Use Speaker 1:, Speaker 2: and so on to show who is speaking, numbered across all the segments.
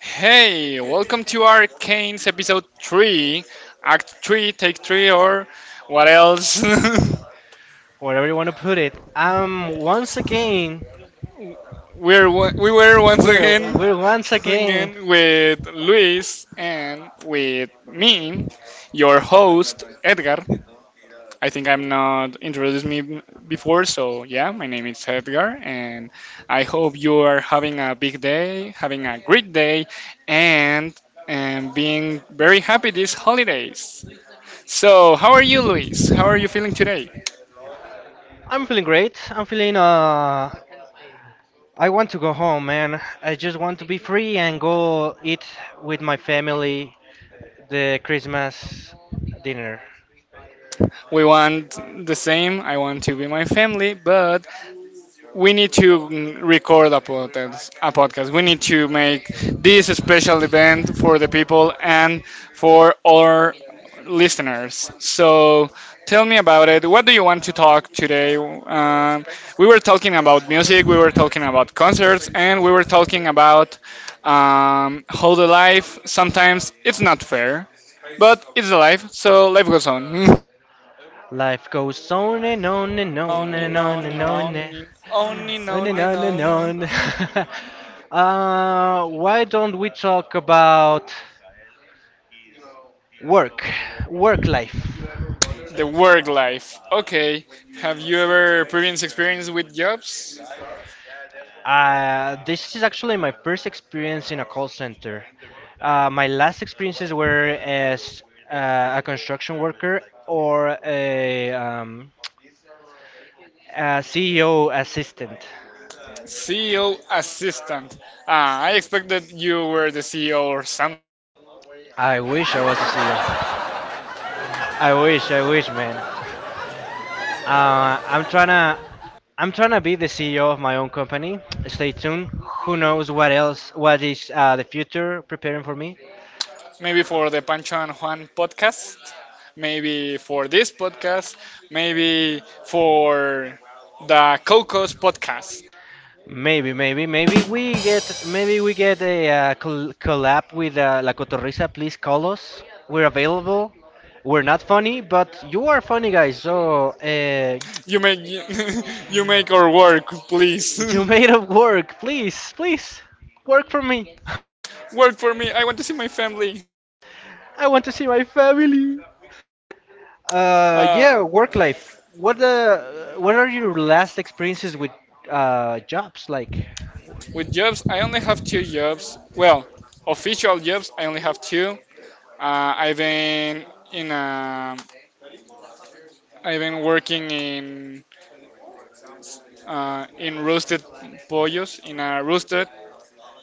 Speaker 1: Hey, welcome to Arcane's episode 3, Act 3, Take 3, or what else?
Speaker 2: Whatever you want to put it. Once again,
Speaker 1: We were once again,
Speaker 2: we're once again.
Speaker 1: again with Luis and with me, your host, Edgar. I think I'm not introduced me b- Before, so yeah, my name is Edgar, and I hope you are having a big day, having a great day, and, and being very happy these holidays. So, how are you, Luis? How are you feeling today?
Speaker 2: I'm feeling great. I'm feeling I want to go home, man. I just want to be free and go eat with my family the Christmas dinner.
Speaker 1: We want the same. I want to be my family, but we need to record a podcast. We need to make this a special event for the people and for our listeners. So tell me about it. What do you want to talk today? We were talking about music, we were talking about concerts, and we were talking about how the life sometimes it's not fair, but it's the life. So life goes on.
Speaker 2: Life goes on and on and on
Speaker 1: Only
Speaker 2: and
Speaker 1: no,
Speaker 2: on
Speaker 1: only
Speaker 2: and on and
Speaker 1: no, only no,
Speaker 2: on and
Speaker 1: only
Speaker 2: on
Speaker 1: no,
Speaker 2: and
Speaker 1: only
Speaker 2: on.
Speaker 1: no.
Speaker 2: Why don't we talk about work, work life?
Speaker 1: The work life. Okay. Have you ever previous experience with jobs?
Speaker 2: This is actually my first experience in a call center. My last experiences were as a construction worker or a CEO assistant.
Speaker 1: CEO assistant. Ah, I expected you were the CEO or something.
Speaker 2: I wish I was a CEO. I wish, man. Uh, I'm trying to. I'm trying to be the CEO of my own company. Stay tuned. Who knows what else, what is the future preparing for me?
Speaker 1: Maybe for the Pancho and Juan podcast. Maybe for this podcast. Maybe for the Cocos podcast.
Speaker 2: Maybe we get a collab with La Cotorrisa. Please call us. We're available. We're not funny, but you are funny, guys. So
Speaker 1: You make you make our work, please.
Speaker 2: you made up work. Please, please work for me.
Speaker 1: work for me. I want to see my family.
Speaker 2: I want to see my family. Yeah,
Speaker 1: Uh,
Speaker 2: work life. What are your last experiences with jobs like?
Speaker 1: With jobs, I only have two jobs. Well, official jobs, I only have two. I've been in a, I've been working in roasted pollos in a roasted.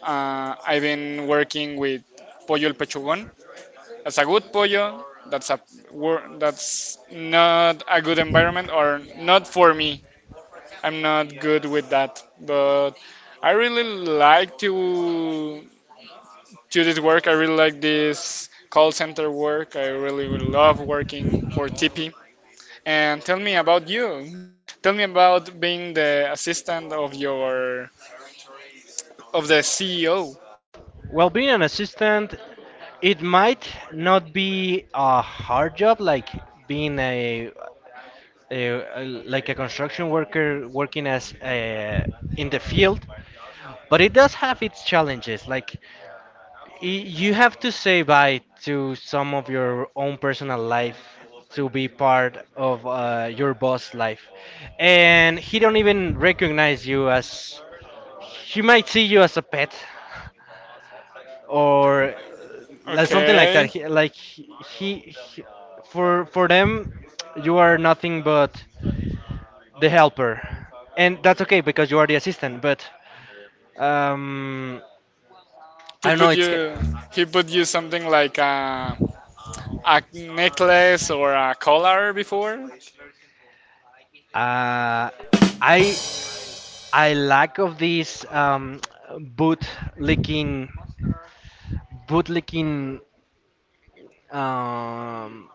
Speaker 1: I've been working with pollo el pechugon. That's a good pollo. That's a that's not a good environment or not for me. I'm not good with that, but I really like to this work. I really like this call center work. I really would love working for TP. And tell me about you. Tell me about being the assistant of your of the CEO.
Speaker 2: Well, being an assistant, it might not be a hard job like being a like a construction worker working as in the field, but it does have its challenges. Like you have to say bye to some of your own personal life to be part of your boss life, and he don't even recognize you as he might see you as a pet, or like something like that.
Speaker 1: Okay.
Speaker 2: He, like he, he- For them, you are nothing but the helper, and that's okay because you are the assistant. But um, I
Speaker 1: He
Speaker 2: don't know.
Speaker 1: put you he put you something like a necklace or a collar before.
Speaker 2: Uh, I I lack of this boot licking boot licking um,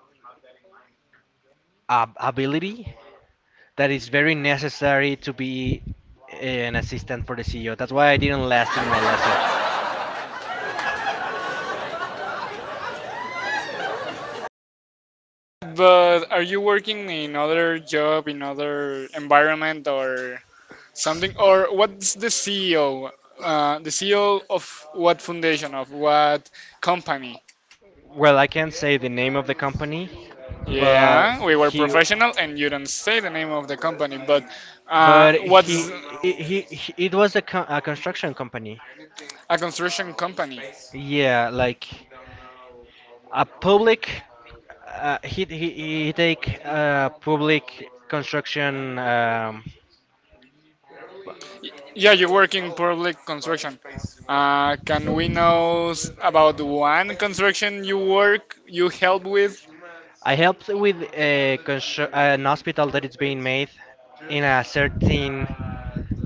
Speaker 2: ability that is very necessary to be an assistant for the CEO. That's why I didn't last in my last job.
Speaker 1: But are you working in other job in other environment or something or what's the CEO? The CEO of what foundation of what company?
Speaker 2: Well, I can't say the name of the company, but
Speaker 1: Yeah, we were
Speaker 2: he,
Speaker 1: professional, and you don't say the name of the company, but
Speaker 2: but
Speaker 1: what's
Speaker 2: he- it was a construction company.
Speaker 1: a construction company?
Speaker 2: Yeah, like a public. He take public construction.
Speaker 1: Yeah, you work in public construction. Can we know about one construction you work, you help with?
Speaker 2: I helped with an hospital that is being made in a certain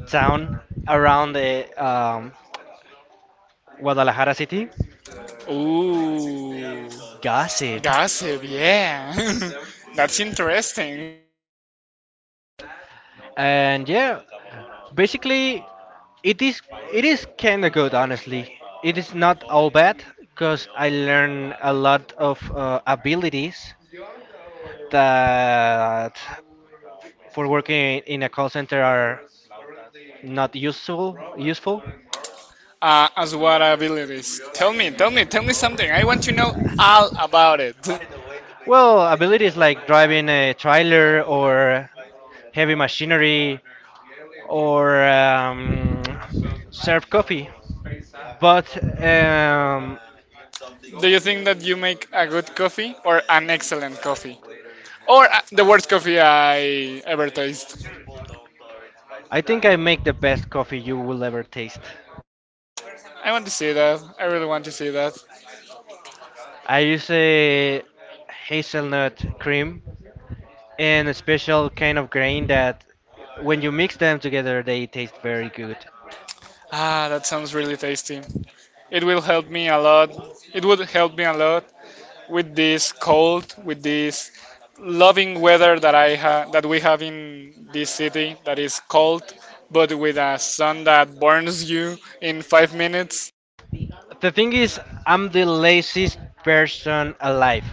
Speaker 2: town around the Guadalajara city.
Speaker 1: Ooh,
Speaker 2: Gossip.
Speaker 1: gossip. Yeah, that's interesting.
Speaker 2: And yeah, basically, it is it is kind of good, honestly. It is not all bad because I learned a lot of abilities that for working in a call center are not useful.
Speaker 1: As what abilities? Tell me, tell me, tell me something. I want to know all about it. Do
Speaker 2: Well, abilities like driving a trailer or heavy machinery or serve coffee. But um,
Speaker 1: you think that you make a good coffee or an excellent coffee? Or the worst coffee I ever taste?
Speaker 2: I think I make the best coffee you will ever taste.
Speaker 1: I want to see that. I really want to see that.
Speaker 2: I use a hazelnut cream and a special kind of grain that when you mix them together they taste very good.
Speaker 1: Ah, that sounds really tasty. It will help me a lot. It would help me a lot with this cold, with this loving weather that that we have in this city that is cold, but with a sun that burns you in 5 minutes.
Speaker 2: The thing is I'm the laziest person alive.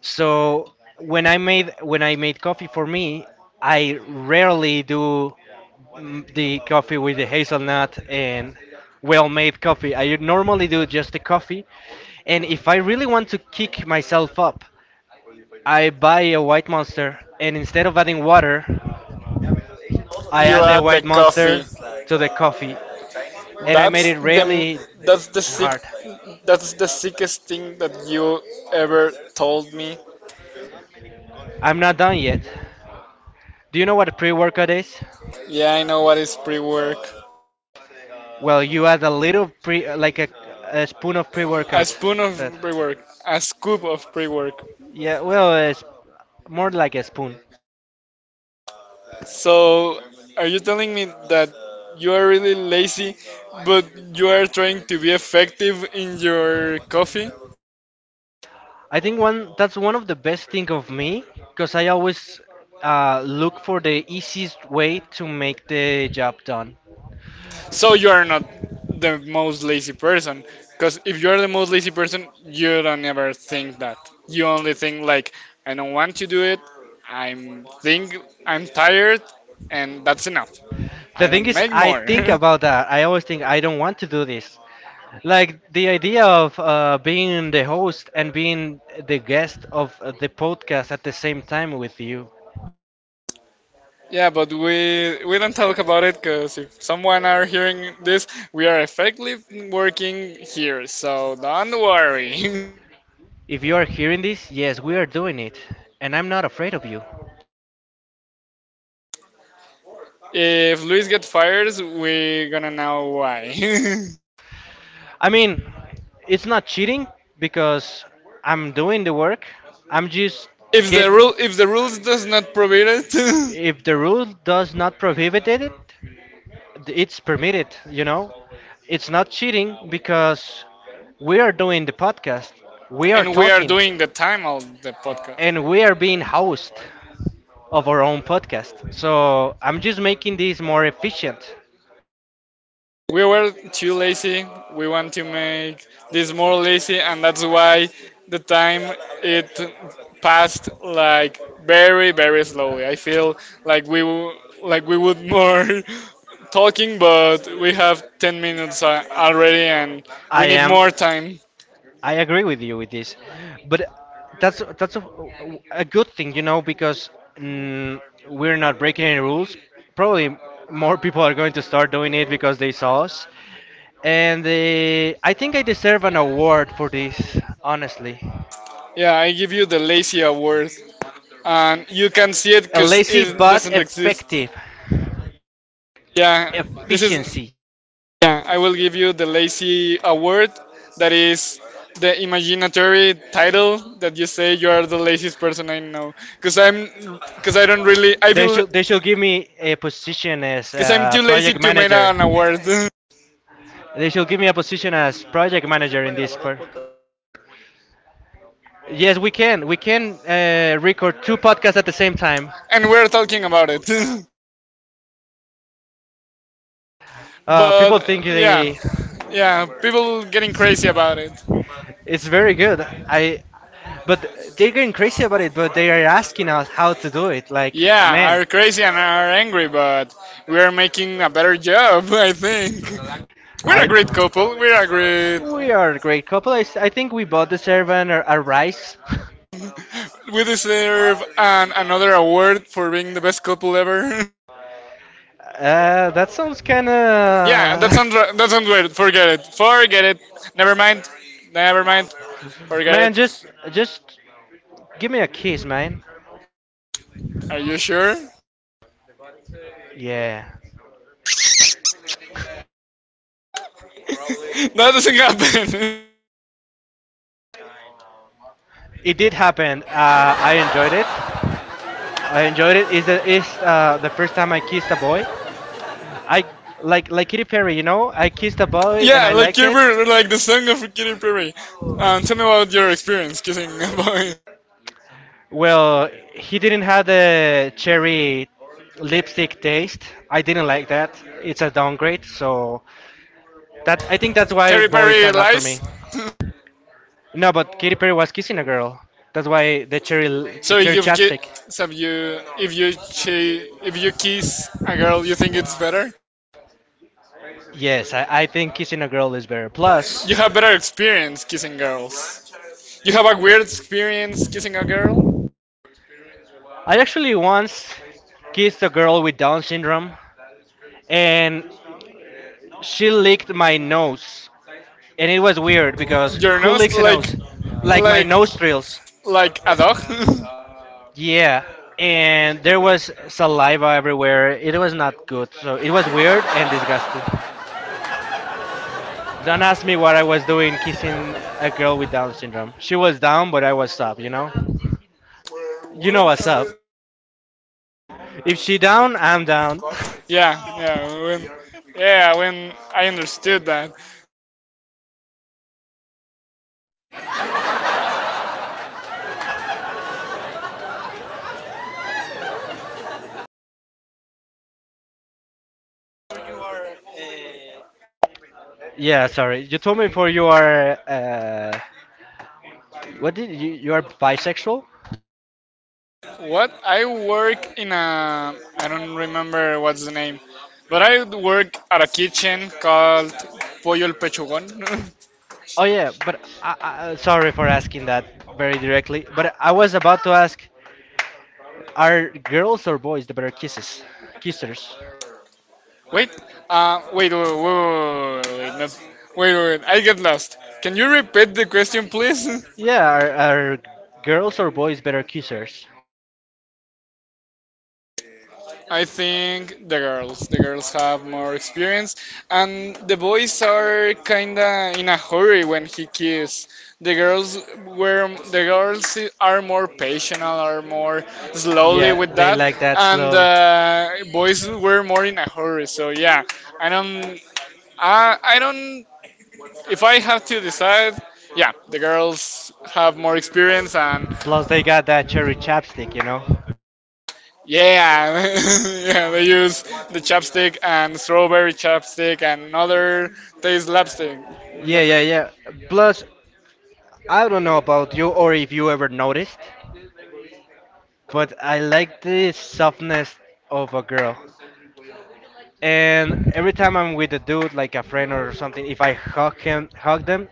Speaker 2: So when I made coffee for me, I rarely do the coffee with the hazelnut and well-made coffee. I normally do just the coffee, and if I really want to kick myself up, I buy a white monster, and instead of adding water, I
Speaker 1: You
Speaker 2: add the
Speaker 1: add the
Speaker 2: white
Speaker 1: coffee.
Speaker 2: monster to the coffee, and I made
Speaker 1: That's
Speaker 2: it
Speaker 1: the
Speaker 2: really
Speaker 1: that's the sick
Speaker 2: hard.
Speaker 1: that's the sickest thing that you ever told me.
Speaker 2: I'm not done yet. Do you know what a pre-workout is?
Speaker 1: Yeah, I know what is pre-work.
Speaker 2: Well, you add a little a spoon of
Speaker 1: A
Speaker 2: pre-workout.
Speaker 1: spoon of
Speaker 2: That,
Speaker 1: pre-work, a scoop of pre-work.
Speaker 2: yeah, well, it's more like a spoon.
Speaker 1: So, are you telling me that you are really lazy, but you are trying to be effective in your coffee?
Speaker 2: I think one that's one of the best thing of me, because I always look for the easiest way to make the job done.
Speaker 1: So you are not the most lazy person, because if you are the most lazy person, you don't ever think that. You only think like, I don't want to do it. I'm think I'm tired, and that's enough.
Speaker 2: The
Speaker 1: I
Speaker 2: thing
Speaker 1: don't
Speaker 2: is,
Speaker 1: make
Speaker 2: I
Speaker 1: more.
Speaker 2: think about that. I always think I don't want to do this. Like the idea of being the host and being the guest of the podcast at the same time with you.
Speaker 1: Yeah, but we don't talk about it because if someone are hearing this, we are effectively working here, so don't worry.
Speaker 2: If you are hearing this, yes, we are doing it, and I'm not afraid of you.
Speaker 1: if Luis get fired, we gonna know why.
Speaker 2: I mean, it's not cheating because I'm doing the work. I'm just get
Speaker 1: If the rules does not prohibit it,
Speaker 2: If the rule does not prohibit it, it's permitted, you know? It's not cheating because we are doing the podcast, we are
Speaker 1: and we are
Speaker 2: talking,
Speaker 1: doing the time of the podcast.
Speaker 2: and we are being host of our own podcast. So I'm just making this more efficient.
Speaker 1: We were too lazy. We want to make this more lazy, and that's why the time it passed like very, very slowly. I feel like we w- like we would more talking, but we have 10 minutes already, and
Speaker 2: I
Speaker 1: we need
Speaker 2: am
Speaker 1: more time.
Speaker 2: I agree with you with this, but that's a good thing, you know, because mm, we're not breaking any rules. Probably more people are going to start doing it because they saw us, and I think I deserve an award for this, honestly.
Speaker 1: Yeah, I give you the lazy award, and you can see it
Speaker 2: A
Speaker 1: because
Speaker 2: lazy
Speaker 1: it
Speaker 2: but
Speaker 1: doesn't exist.
Speaker 2: effective
Speaker 1: Yeah, this is
Speaker 2: efficiency.
Speaker 1: yeah, I will give you the lazy award. That is the imaginary title that you say you are the laziest person I know. Cause I'm, cause I don't really, I feel,
Speaker 2: They should give me a position as
Speaker 1: Cause I'm too lazy
Speaker 2: project
Speaker 1: to make
Speaker 2: manager.
Speaker 1: an award,
Speaker 2: They should give me a position as project manager in this part. Yes, we can. We can record 2 podcasts at the same time.
Speaker 1: and we're talking about it.
Speaker 2: Uh, people
Speaker 1: but
Speaker 2: think they,
Speaker 1: yeah, people getting crazy about it.
Speaker 2: it's very good. I, but They're getting crazy about it. But they are asking us how to do it. Like,
Speaker 1: Yeah,
Speaker 2: man,
Speaker 1: are crazy and are angry, but we are making a better job, I think. We're a
Speaker 2: I,
Speaker 1: great couple. We're a great.
Speaker 2: we are a great couple. I think we both deserve a rise.
Speaker 1: We deserve another award for being the best couple ever.
Speaker 2: That sounds kind
Speaker 1: yeah,
Speaker 2: of.
Speaker 1: that sounds weird. Forget it. Forget it. Never mind. Never mind. Forget
Speaker 2: Man,
Speaker 1: it.
Speaker 2: just give me a kiss, man.
Speaker 1: Are you sure?
Speaker 2: Yeah,
Speaker 1: that doesn't happen.
Speaker 2: it did happen. I enjoyed it. I enjoyed it. Is the is The first time I kissed a boy. I Like Katy Perry, you know. I kissed a boy and
Speaker 1: yeah,
Speaker 2: I
Speaker 1: like
Speaker 2: liked
Speaker 1: Katy
Speaker 2: it.
Speaker 1: Perry, like the song of Katy Perry. Tell me about your experience kissing a boy.
Speaker 2: Well, he didn't have the cherry lipstick taste. I didn't like that. It's a downgrade. So that I think that's why
Speaker 1: Katy
Speaker 2: boys
Speaker 1: Perry
Speaker 2: are not for
Speaker 1: lies.
Speaker 2: me. No, but Katy Perry was kissing a girl. That's why the
Speaker 1: So if
Speaker 2: cherry
Speaker 1: you've ki-
Speaker 2: chapstick.
Speaker 1: so you if if you kiss a girl, you think it's better?
Speaker 2: Yes, I think kissing a girl is better. Plus,
Speaker 1: You have better experience kissing girls. You have a weird experience kissing a girl.
Speaker 2: I actually once kissed a girl with Down syndrome, and she licked my nose, and it was weird because
Speaker 1: Your
Speaker 2: who
Speaker 1: nose,
Speaker 2: licks a nose? Like my
Speaker 1: like,
Speaker 2: nostrils.
Speaker 1: like a dog.
Speaker 2: Yeah. And there was saliva everywhere. It was not good. So it was weird and disgusting. Don't ask me what I was doing kissing a girl with Down syndrome. She was down, but I was up, you know? You know what's up. If she down, I'm down.
Speaker 1: yeah, yeah. Yeah, when I understood that.
Speaker 2: Yeah, sorry. You told me before you are, you are bisexual?
Speaker 1: What I work in a, I don't remember what's the name, but I work at a kitchen called Pollo el Pechugon.
Speaker 2: Oh yeah, but I, sorry for asking that very directly. But I was about to ask, are girls or boys the better kisses? Kissers?
Speaker 1: wait, uh, wait, wait, wait, wait, wait, not- wait, I get lost. Can you repeat the question, please?
Speaker 2: Yeah, are girls or boys better kissers?
Speaker 1: I think the girls have more experience, and the boys are kinda in a hurry when he kiss. The girls the girls are more patient, are more slowly
Speaker 2: Yeah,
Speaker 1: with
Speaker 2: they
Speaker 1: that,
Speaker 2: like that
Speaker 1: and
Speaker 2: slow.
Speaker 1: boys were more in a hurry. So yeah, I don't, I don't. If I have to decide, yeah, the girls have more experience and
Speaker 2: Plus, they got that cherry chapstick, you know?
Speaker 1: yeah, yeah, they use the chapstick and strawberry chapstick and other taste lipstick.
Speaker 2: Yeah, yeah, yeah. Plus, I don't know about you or if you ever noticed, but I like the softness of a girl. And every time I'm with a dude, like a friend or something, if I hug hug them,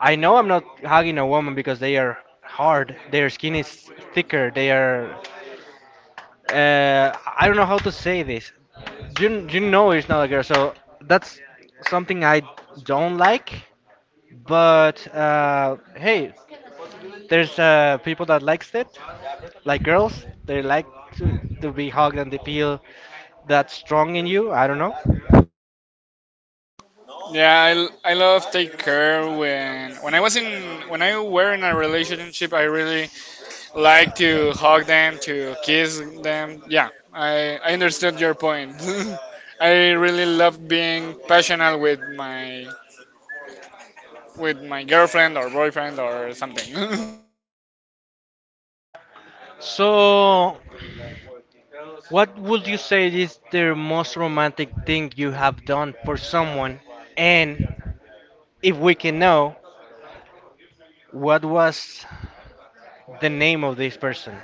Speaker 2: I know I'm not hugging a woman because they are hard. Their skin is thicker. They are I don't know how to say this. You know it's not a girl, so that's something I don't like. But hey, there's people that likes it, like girls. They like to be hugged and they feel that strong in you. I don't know.
Speaker 1: Yeah, I love take care when I was in when I were in a relationship, I really like to hug them, to kiss them. Yeah, I understood your point. I really love being passionate with my girlfriend or boyfriend or something.
Speaker 2: So, what would you say is the most romantic thing you have done for someone? And if we can know, what was the name of this person?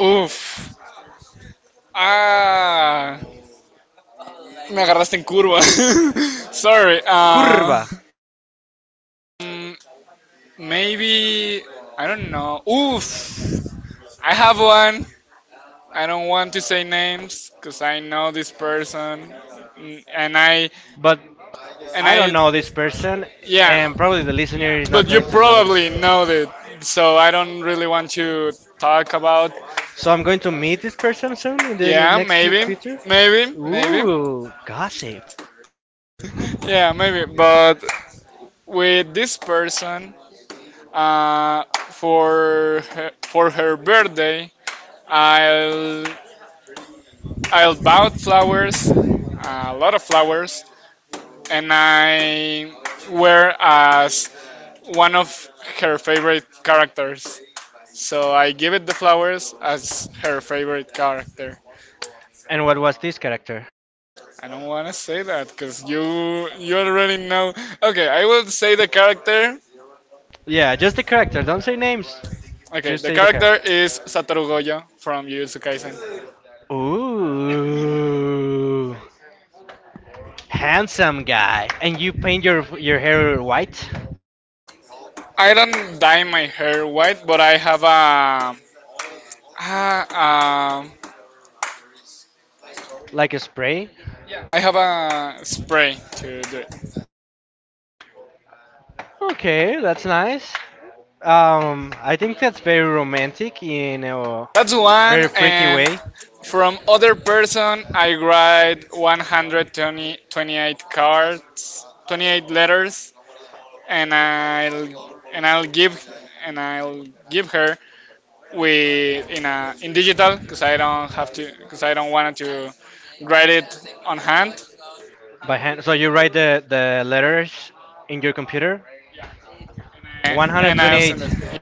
Speaker 1: Oof. Ah. Me agarraste en curva. Sorry.
Speaker 2: Curva.
Speaker 1: Mm, Maybe I don't know. Oof. I have one. I don't want to say names because I know this person, Mm,
Speaker 2: But
Speaker 1: and
Speaker 2: I don't
Speaker 1: I
Speaker 2: know this person,
Speaker 1: yeah.
Speaker 2: and probably the listener is not
Speaker 1: But you
Speaker 2: going to know this.
Speaker 1: probably know it, so I don't really want to talk about.
Speaker 2: So I'm going to meet this person soon in the
Speaker 1: Yeah,
Speaker 2: next few future.
Speaker 1: maybe.
Speaker 2: Ooh, gossip.
Speaker 1: Yeah, maybe. But with this person, for her birthday, I'll I'll bought flowers, a lot of flowers, and I wear as one of her favorite characters. So I give it the flowers as her favorite character.
Speaker 2: And what was this character?
Speaker 1: I don't want to say that because you already know. Okay, I will say the character.
Speaker 2: Yeah, just the character. Don't say names.
Speaker 1: Okay,
Speaker 2: Just
Speaker 1: the
Speaker 2: say the
Speaker 1: character
Speaker 2: character.
Speaker 1: is Satoru Gojo from Jujutsu Kaisen.
Speaker 2: Ooh, handsome guy. And you paint your hair white,
Speaker 1: I don't dye my hair white, but a, a
Speaker 2: like a spray.
Speaker 1: I have a spray to do it.
Speaker 2: Okay, that's nice. I think that's very romantic in a
Speaker 1: That's one,
Speaker 2: very freaky
Speaker 1: and
Speaker 2: way
Speaker 1: from other person, I write 120, 28 cards, 28 letters, and I'll and I'll give and I'll give her with in a in digital because I don't want to write it on hand,
Speaker 2: by hand. So you write the letters in your computer.
Speaker 1: and I'll send
Speaker 2: 128.
Speaker 1: it.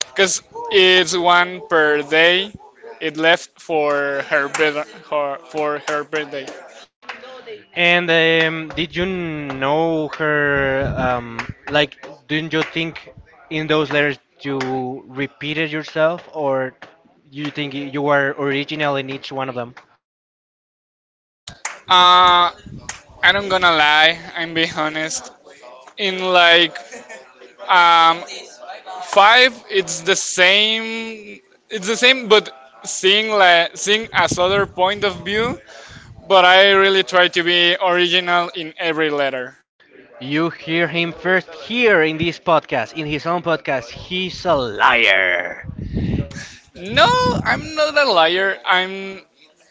Speaker 1: Because it's one per day. It left for her, birth, her For her birthday.
Speaker 2: And did you know her? Like, didn't you think in those letters you repeated yourself, or you think you were original in each one of them?
Speaker 1: Uh, I don't gonna lie. I'm be honest. In like um, five, it's the same. It's the same, but seeing as other point of view. But I really try to be original in every letter.
Speaker 2: You hear him first here in this podcast, in his own podcast. He's a liar.
Speaker 1: No, I'm not a liar.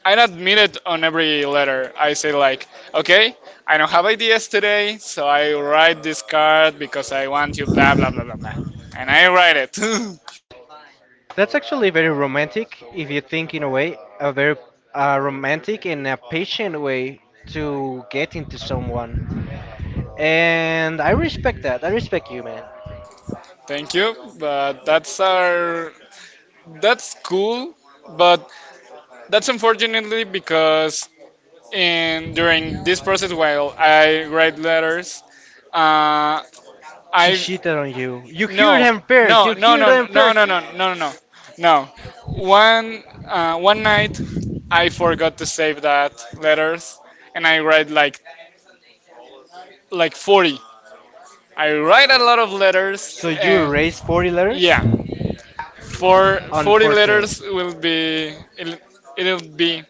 Speaker 1: I admit it on every letter. I say like, okay, I don't have ideas today, so I write this card because I want you blah blah blah blah blah. And I write it.
Speaker 2: That's actually very romantic if you think in a way, a very romantic and a patient way to get into someone. And I respect that. I respect you, man.
Speaker 1: Thank you, but that's cool, but that's unfortunately because in during this process while I write letters, uh,
Speaker 2: She
Speaker 1: I
Speaker 2: cheated on you. You hear
Speaker 1: no,
Speaker 2: them first. You hear them first.
Speaker 1: no. No. One night, I forgot to save that letters, and I write like 40. I write a lot of letters,
Speaker 2: So you
Speaker 1: and
Speaker 2: raise 40 letters?
Speaker 1: yeah, for 40
Speaker 2: Unfortunate.
Speaker 1: letters will it'll be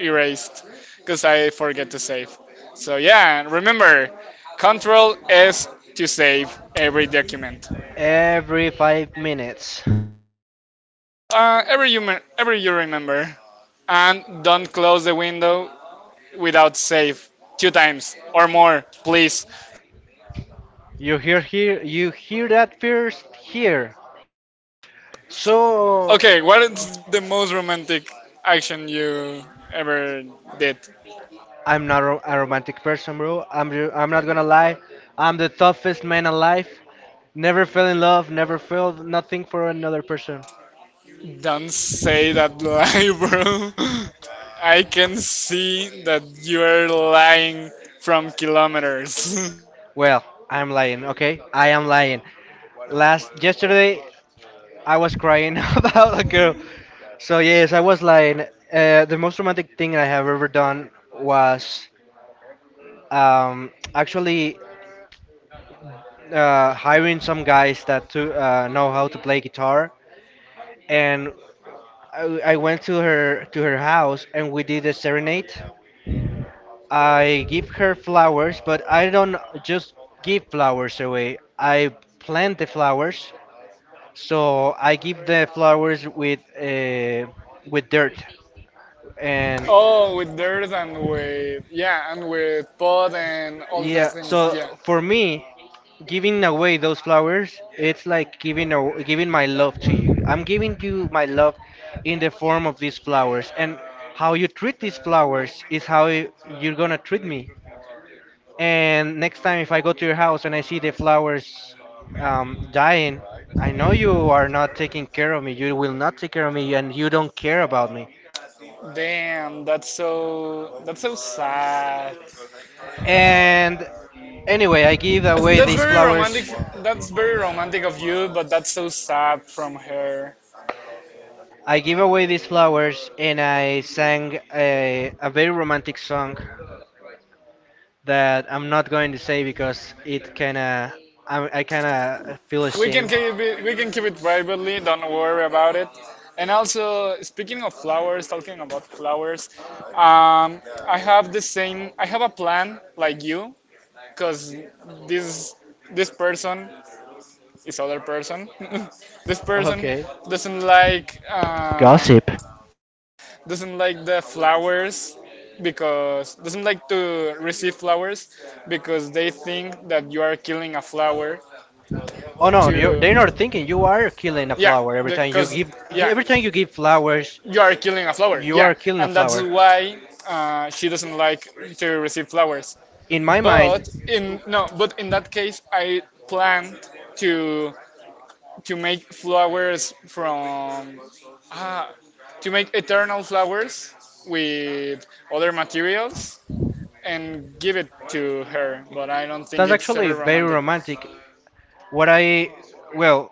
Speaker 1: erased because I forget to save. So yeah, remember, Control S to save every document.
Speaker 2: Every 5 minutes.
Speaker 1: Every you remember, and don't close the window without save two times or more, please.
Speaker 2: You hear here. You hear that first here. So
Speaker 1: Okay, what is the most romantic action you ever did?
Speaker 2: I'm not ro- a romantic person, bro. I'm not gonna lie. I'm the toughest man alive. Never fell in love. Never felt nothing for another person.
Speaker 1: Don't say that lie, bro. I can see that you are lying from kilometers.
Speaker 2: Well, I'm lying. Okay, I am lying. Last yesterday, I was crying about a girl. So yes, I was lying. The most romantic thing I have ever done was actually hiring some guys that to, know how to play guitar, and I went to her house and we did a serenade. I give her flowers, but I don't just give flowers away. I plant the flowers, so I give the flowers with dirt. And
Speaker 1: oh, with dirt and with yeah, and with pot and all the
Speaker 2: yeah,
Speaker 1: things.
Speaker 2: so
Speaker 1: Yeah.
Speaker 2: for me, giving away those flowers, it's like giving my love to you. I'm giving you my love in the form of these flowers, and how you treat these flowers is you're gonna treat me. And next time, if I go to your house and I see the flowers dying, I know you are not taking care of me. You will not take care of me, and you don't care about me.
Speaker 1: Damn, that's so sad.
Speaker 2: And anyway, I give away
Speaker 1: That's
Speaker 2: these
Speaker 1: very
Speaker 2: flowers.
Speaker 1: romantic. That's very romantic of you, but that's so sad from her.
Speaker 2: I give away these flowers, and I sang a very romantic song that I'm not going to say because I kinda feel
Speaker 1: We can
Speaker 2: ashamed.
Speaker 1: keep it. We can keep it privately. Don't worry about it. And also, speaking of flowers, talking about flowers, um, I have the same. I have a plan like you, because this this person is other person. This person
Speaker 2: Okay.
Speaker 1: doesn't like um,
Speaker 2: Gossip.
Speaker 1: doesn't like the flowers because doesn't like to receive flowers because they think that you are killing a flower
Speaker 2: Oh no, they're not
Speaker 1: to
Speaker 2: thinking. You are killing a
Speaker 1: yeah
Speaker 2: flower every time you
Speaker 1: because
Speaker 2: give.
Speaker 1: yeah
Speaker 2: Every time you give flowers,
Speaker 1: you are killing a flower you
Speaker 2: you
Speaker 1: yeah
Speaker 2: are
Speaker 1: are
Speaker 2: killing a
Speaker 1: and that's
Speaker 2: flower.
Speaker 1: flowers. Why she doesn't like to receive flowers
Speaker 2: In
Speaker 1: in my
Speaker 2: my
Speaker 1: mind,
Speaker 2: mind,
Speaker 1: but in no but in that case I plan to make flowers from ah, to make eternal flowers with other materials and give it to her but I don't think
Speaker 2: that's
Speaker 1: it's
Speaker 2: actually
Speaker 1: ever
Speaker 2: very
Speaker 1: romantic
Speaker 2: romantic. What I well,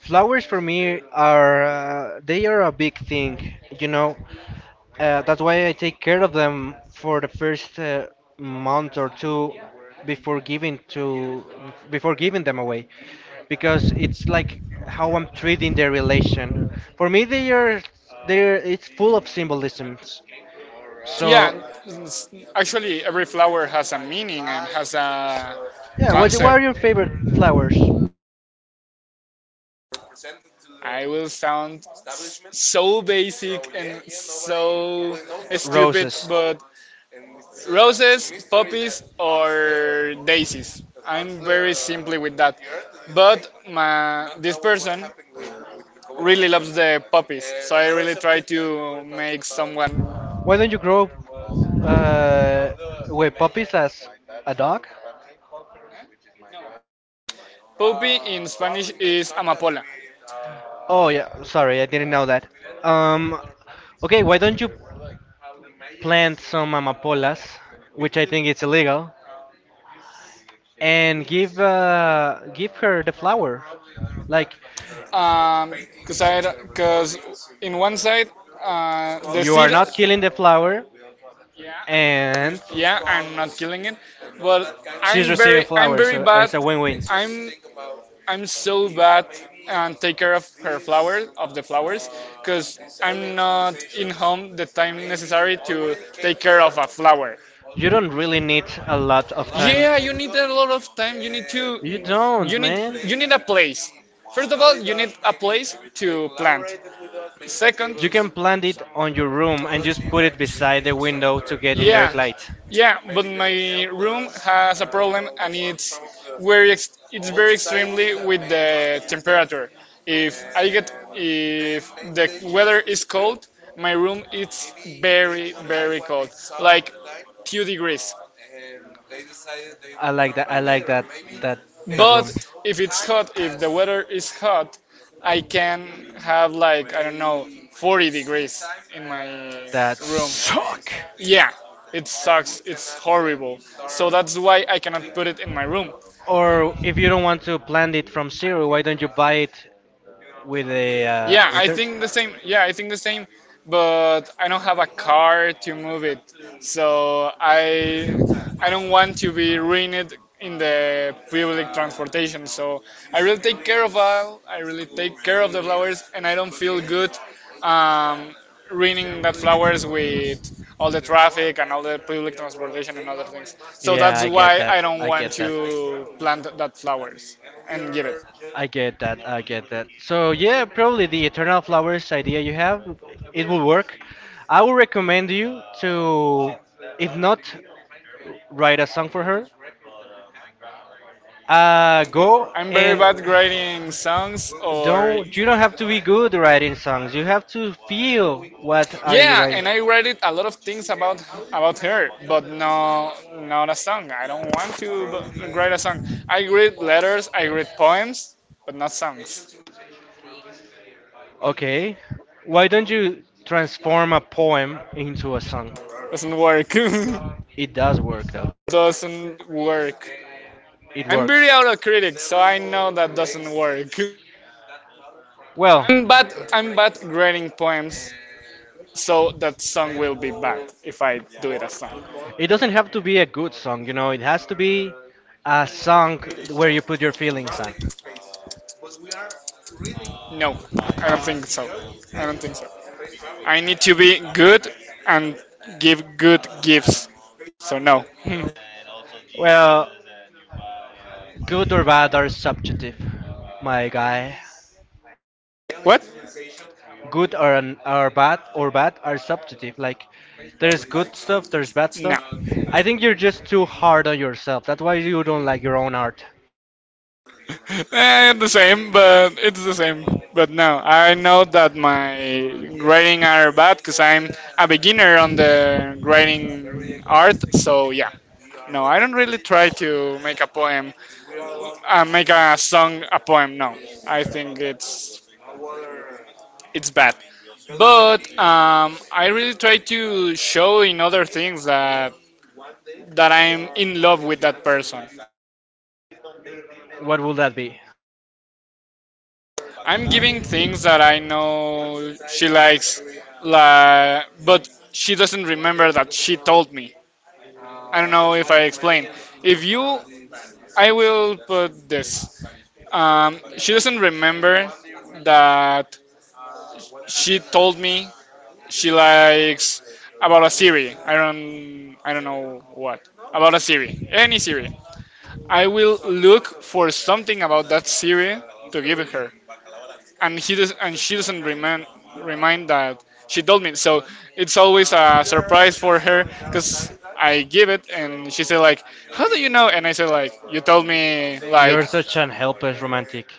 Speaker 2: flowers for me are they are a big thing, you know. That's why I take care of them for the first month or two before giving to before giving them away, because it's like how I'm treating their relation. For me, they are it's full of symbolisms.
Speaker 1: yeah
Speaker 2: So
Speaker 1: actually every flower has a meaning and has a
Speaker 2: yeah, what
Speaker 1: concept.
Speaker 2: are your favorite flowers?
Speaker 1: I will sound so basic and so stupid
Speaker 2: Roses.
Speaker 1: but roses, poppies, or daisies. I'm very simply with that. But this person really loves the poppies, so I really try to make someone.
Speaker 2: Why don't you grow uh, with puppies as a dog?
Speaker 1: Poppy in Spanish is amapola.
Speaker 2: Oh yeah, sorry, I didn't know that. Um, okay, why don't you plant some amapolas, which I think it's illegal, and give her the flower. Like,
Speaker 1: Um, cause I, cause in one side, the
Speaker 2: you are
Speaker 1: seed,
Speaker 2: not killing the flower, and
Speaker 1: yeah, I'm not killing it, but
Speaker 2: she's receiving
Speaker 1: I'm
Speaker 2: flowers,
Speaker 1: very
Speaker 2: so
Speaker 1: bad.
Speaker 2: it's a win-win.
Speaker 1: I'm I'm so bad and take care of her flowers of the flowers because I'm not in home the time necessary to take care of a flower.
Speaker 2: You don't really need a lot of
Speaker 1: Yeah, you
Speaker 2: time.
Speaker 1: need a lot of time. You need to
Speaker 2: You don't, man.
Speaker 1: you need a place. First of all, you need a place to plant. Second,
Speaker 2: You can plant it on your room and just put it beside the window to get
Speaker 1: yeah,
Speaker 2: indirect light.
Speaker 1: yeah, but my room has a problem, and very ex it's very extremely with the temperature. If I get if the weather is cold, my room it's very very cold, like 2 degrees.
Speaker 2: I like that. I like that that
Speaker 1: But
Speaker 2: room.
Speaker 1: if it's hot, if the weather is hot, I can have like I don't know 40 degrees in my
Speaker 2: That
Speaker 1: room.
Speaker 2: suck.
Speaker 1: Yeah, it sucks. It's horrible. So that's why I cannot put it in my room.
Speaker 2: Or if you don't want to plant it from zero, why don't you buy it
Speaker 1: Yeah,
Speaker 2: with
Speaker 1: I
Speaker 2: dirt?
Speaker 1: think the same. Yeah, I think the same. But I don't have a car to move it, so I don't want to be ruined in the public transportation. So I really take care of all. I really take care of the flowers, and I don't feel good um, ruining that flowers with all the traffic and all the public transportation and other things. So
Speaker 2: Yeah,
Speaker 1: that's
Speaker 2: I get
Speaker 1: why I
Speaker 2: that.
Speaker 1: don't
Speaker 2: I
Speaker 1: want
Speaker 2: get that.
Speaker 1: to plant that flowers and give it.
Speaker 2: I get that. I get that. So yeah, probably the eternal flowers idea you have, it will work. I would recommend you to, if not, write a song for her. Go
Speaker 1: I'm very
Speaker 2: and
Speaker 1: bad writing songs or
Speaker 2: Don't you don't have to be good writing songs. You have to feel what are you
Speaker 1: yeah,
Speaker 2: writing.
Speaker 1: and I write it a lot of things about her, but no, not a song. I don't want to write a song. I read letters, I read poems, but not songs.
Speaker 2: Okay. Why don't you transform a poem into a song?
Speaker 1: Doesn't work.
Speaker 2: It does work though.
Speaker 1: Doesn't work.
Speaker 2: It
Speaker 1: I'm
Speaker 2: works.
Speaker 1: very autocritic, so I know that doesn't work.
Speaker 2: Well,
Speaker 1: I'm bad. I'm bad grading poems, so that song will be bad if I do it as song.
Speaker 2: it doesn't have to be a good song, you know. It has to be a song where you put your feelings on.
Speaker 1: No, I don't think so. I don't think so. I need to be good and give good gifts. So no. Hmm.
Speaker 2: Well, good or bad are subjective, my guy.
Speaker 1: What?
Speaker 2: Good or an, or bad are subjective. Like there's good stuff, there's bad
Speaker 1: No.
Speaker 2: stuff. I think you're just too hard on yourself. That's why you don't like your own art.
Speaker 1: Eh, the same, but it's the same. But no, I know that my grading are bad because I'm a beginner on the grading art. So yeah. No, I don't really try to make a poem, make a song a poem. No, I think it's bad. But I really try to show in other things that I'm in love with that person.
Speaker 2: What would that be?
Speaker 1: I'm giving things that I know she likes, like, but she doesn't remember that she told me. I don't know if I explained. If you, I will put this. She doesn't remember that she told me she likes about a series. I don't know what about a series, any series. I will look for something about that series to give her. And he does, and she doesn't remind remind that she told me. So it's always a surprise for her because I give it, and she said like, "How do you know?" And I said like, "You told me like,
Speaker 2: You're such an helpless romantic.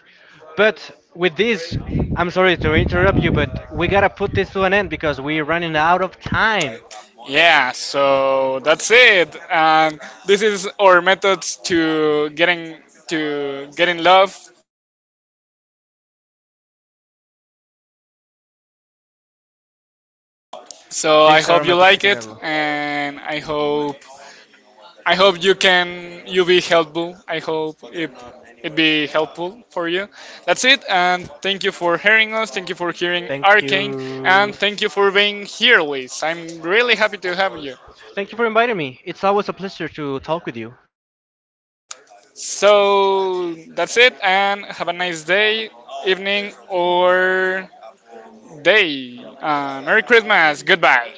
Speaker 2: But with this, I'm sorry to interrupt you, but we gotta put this to an end because we're running out of time.
Speaker 1: yeah." So that's it, and this is our methods to getting love. So I
Speaker 2: This is
Speaker 1: hope you
Speaker 2: Aromato
Speaker 1: like it,
Speaker 2: Chiquinello.
Speaker 1: and I hope you can you be helpful. I hope it be helpful for you. That's it, and thank you for hearing us. Thank you for hearing
Speaker 2: Thank
Speaker 1: Arcane,
Speaker 2: you.
Speaker 1: and thank you for being here, Liz. I'm really happy to have you.
Speaker 2: Thank you for inviting me. It's always a pleasure to talk with you.
Speaker 1: So that's it, and have a nice day, evening, or day. Merry Christmas. Goodbye.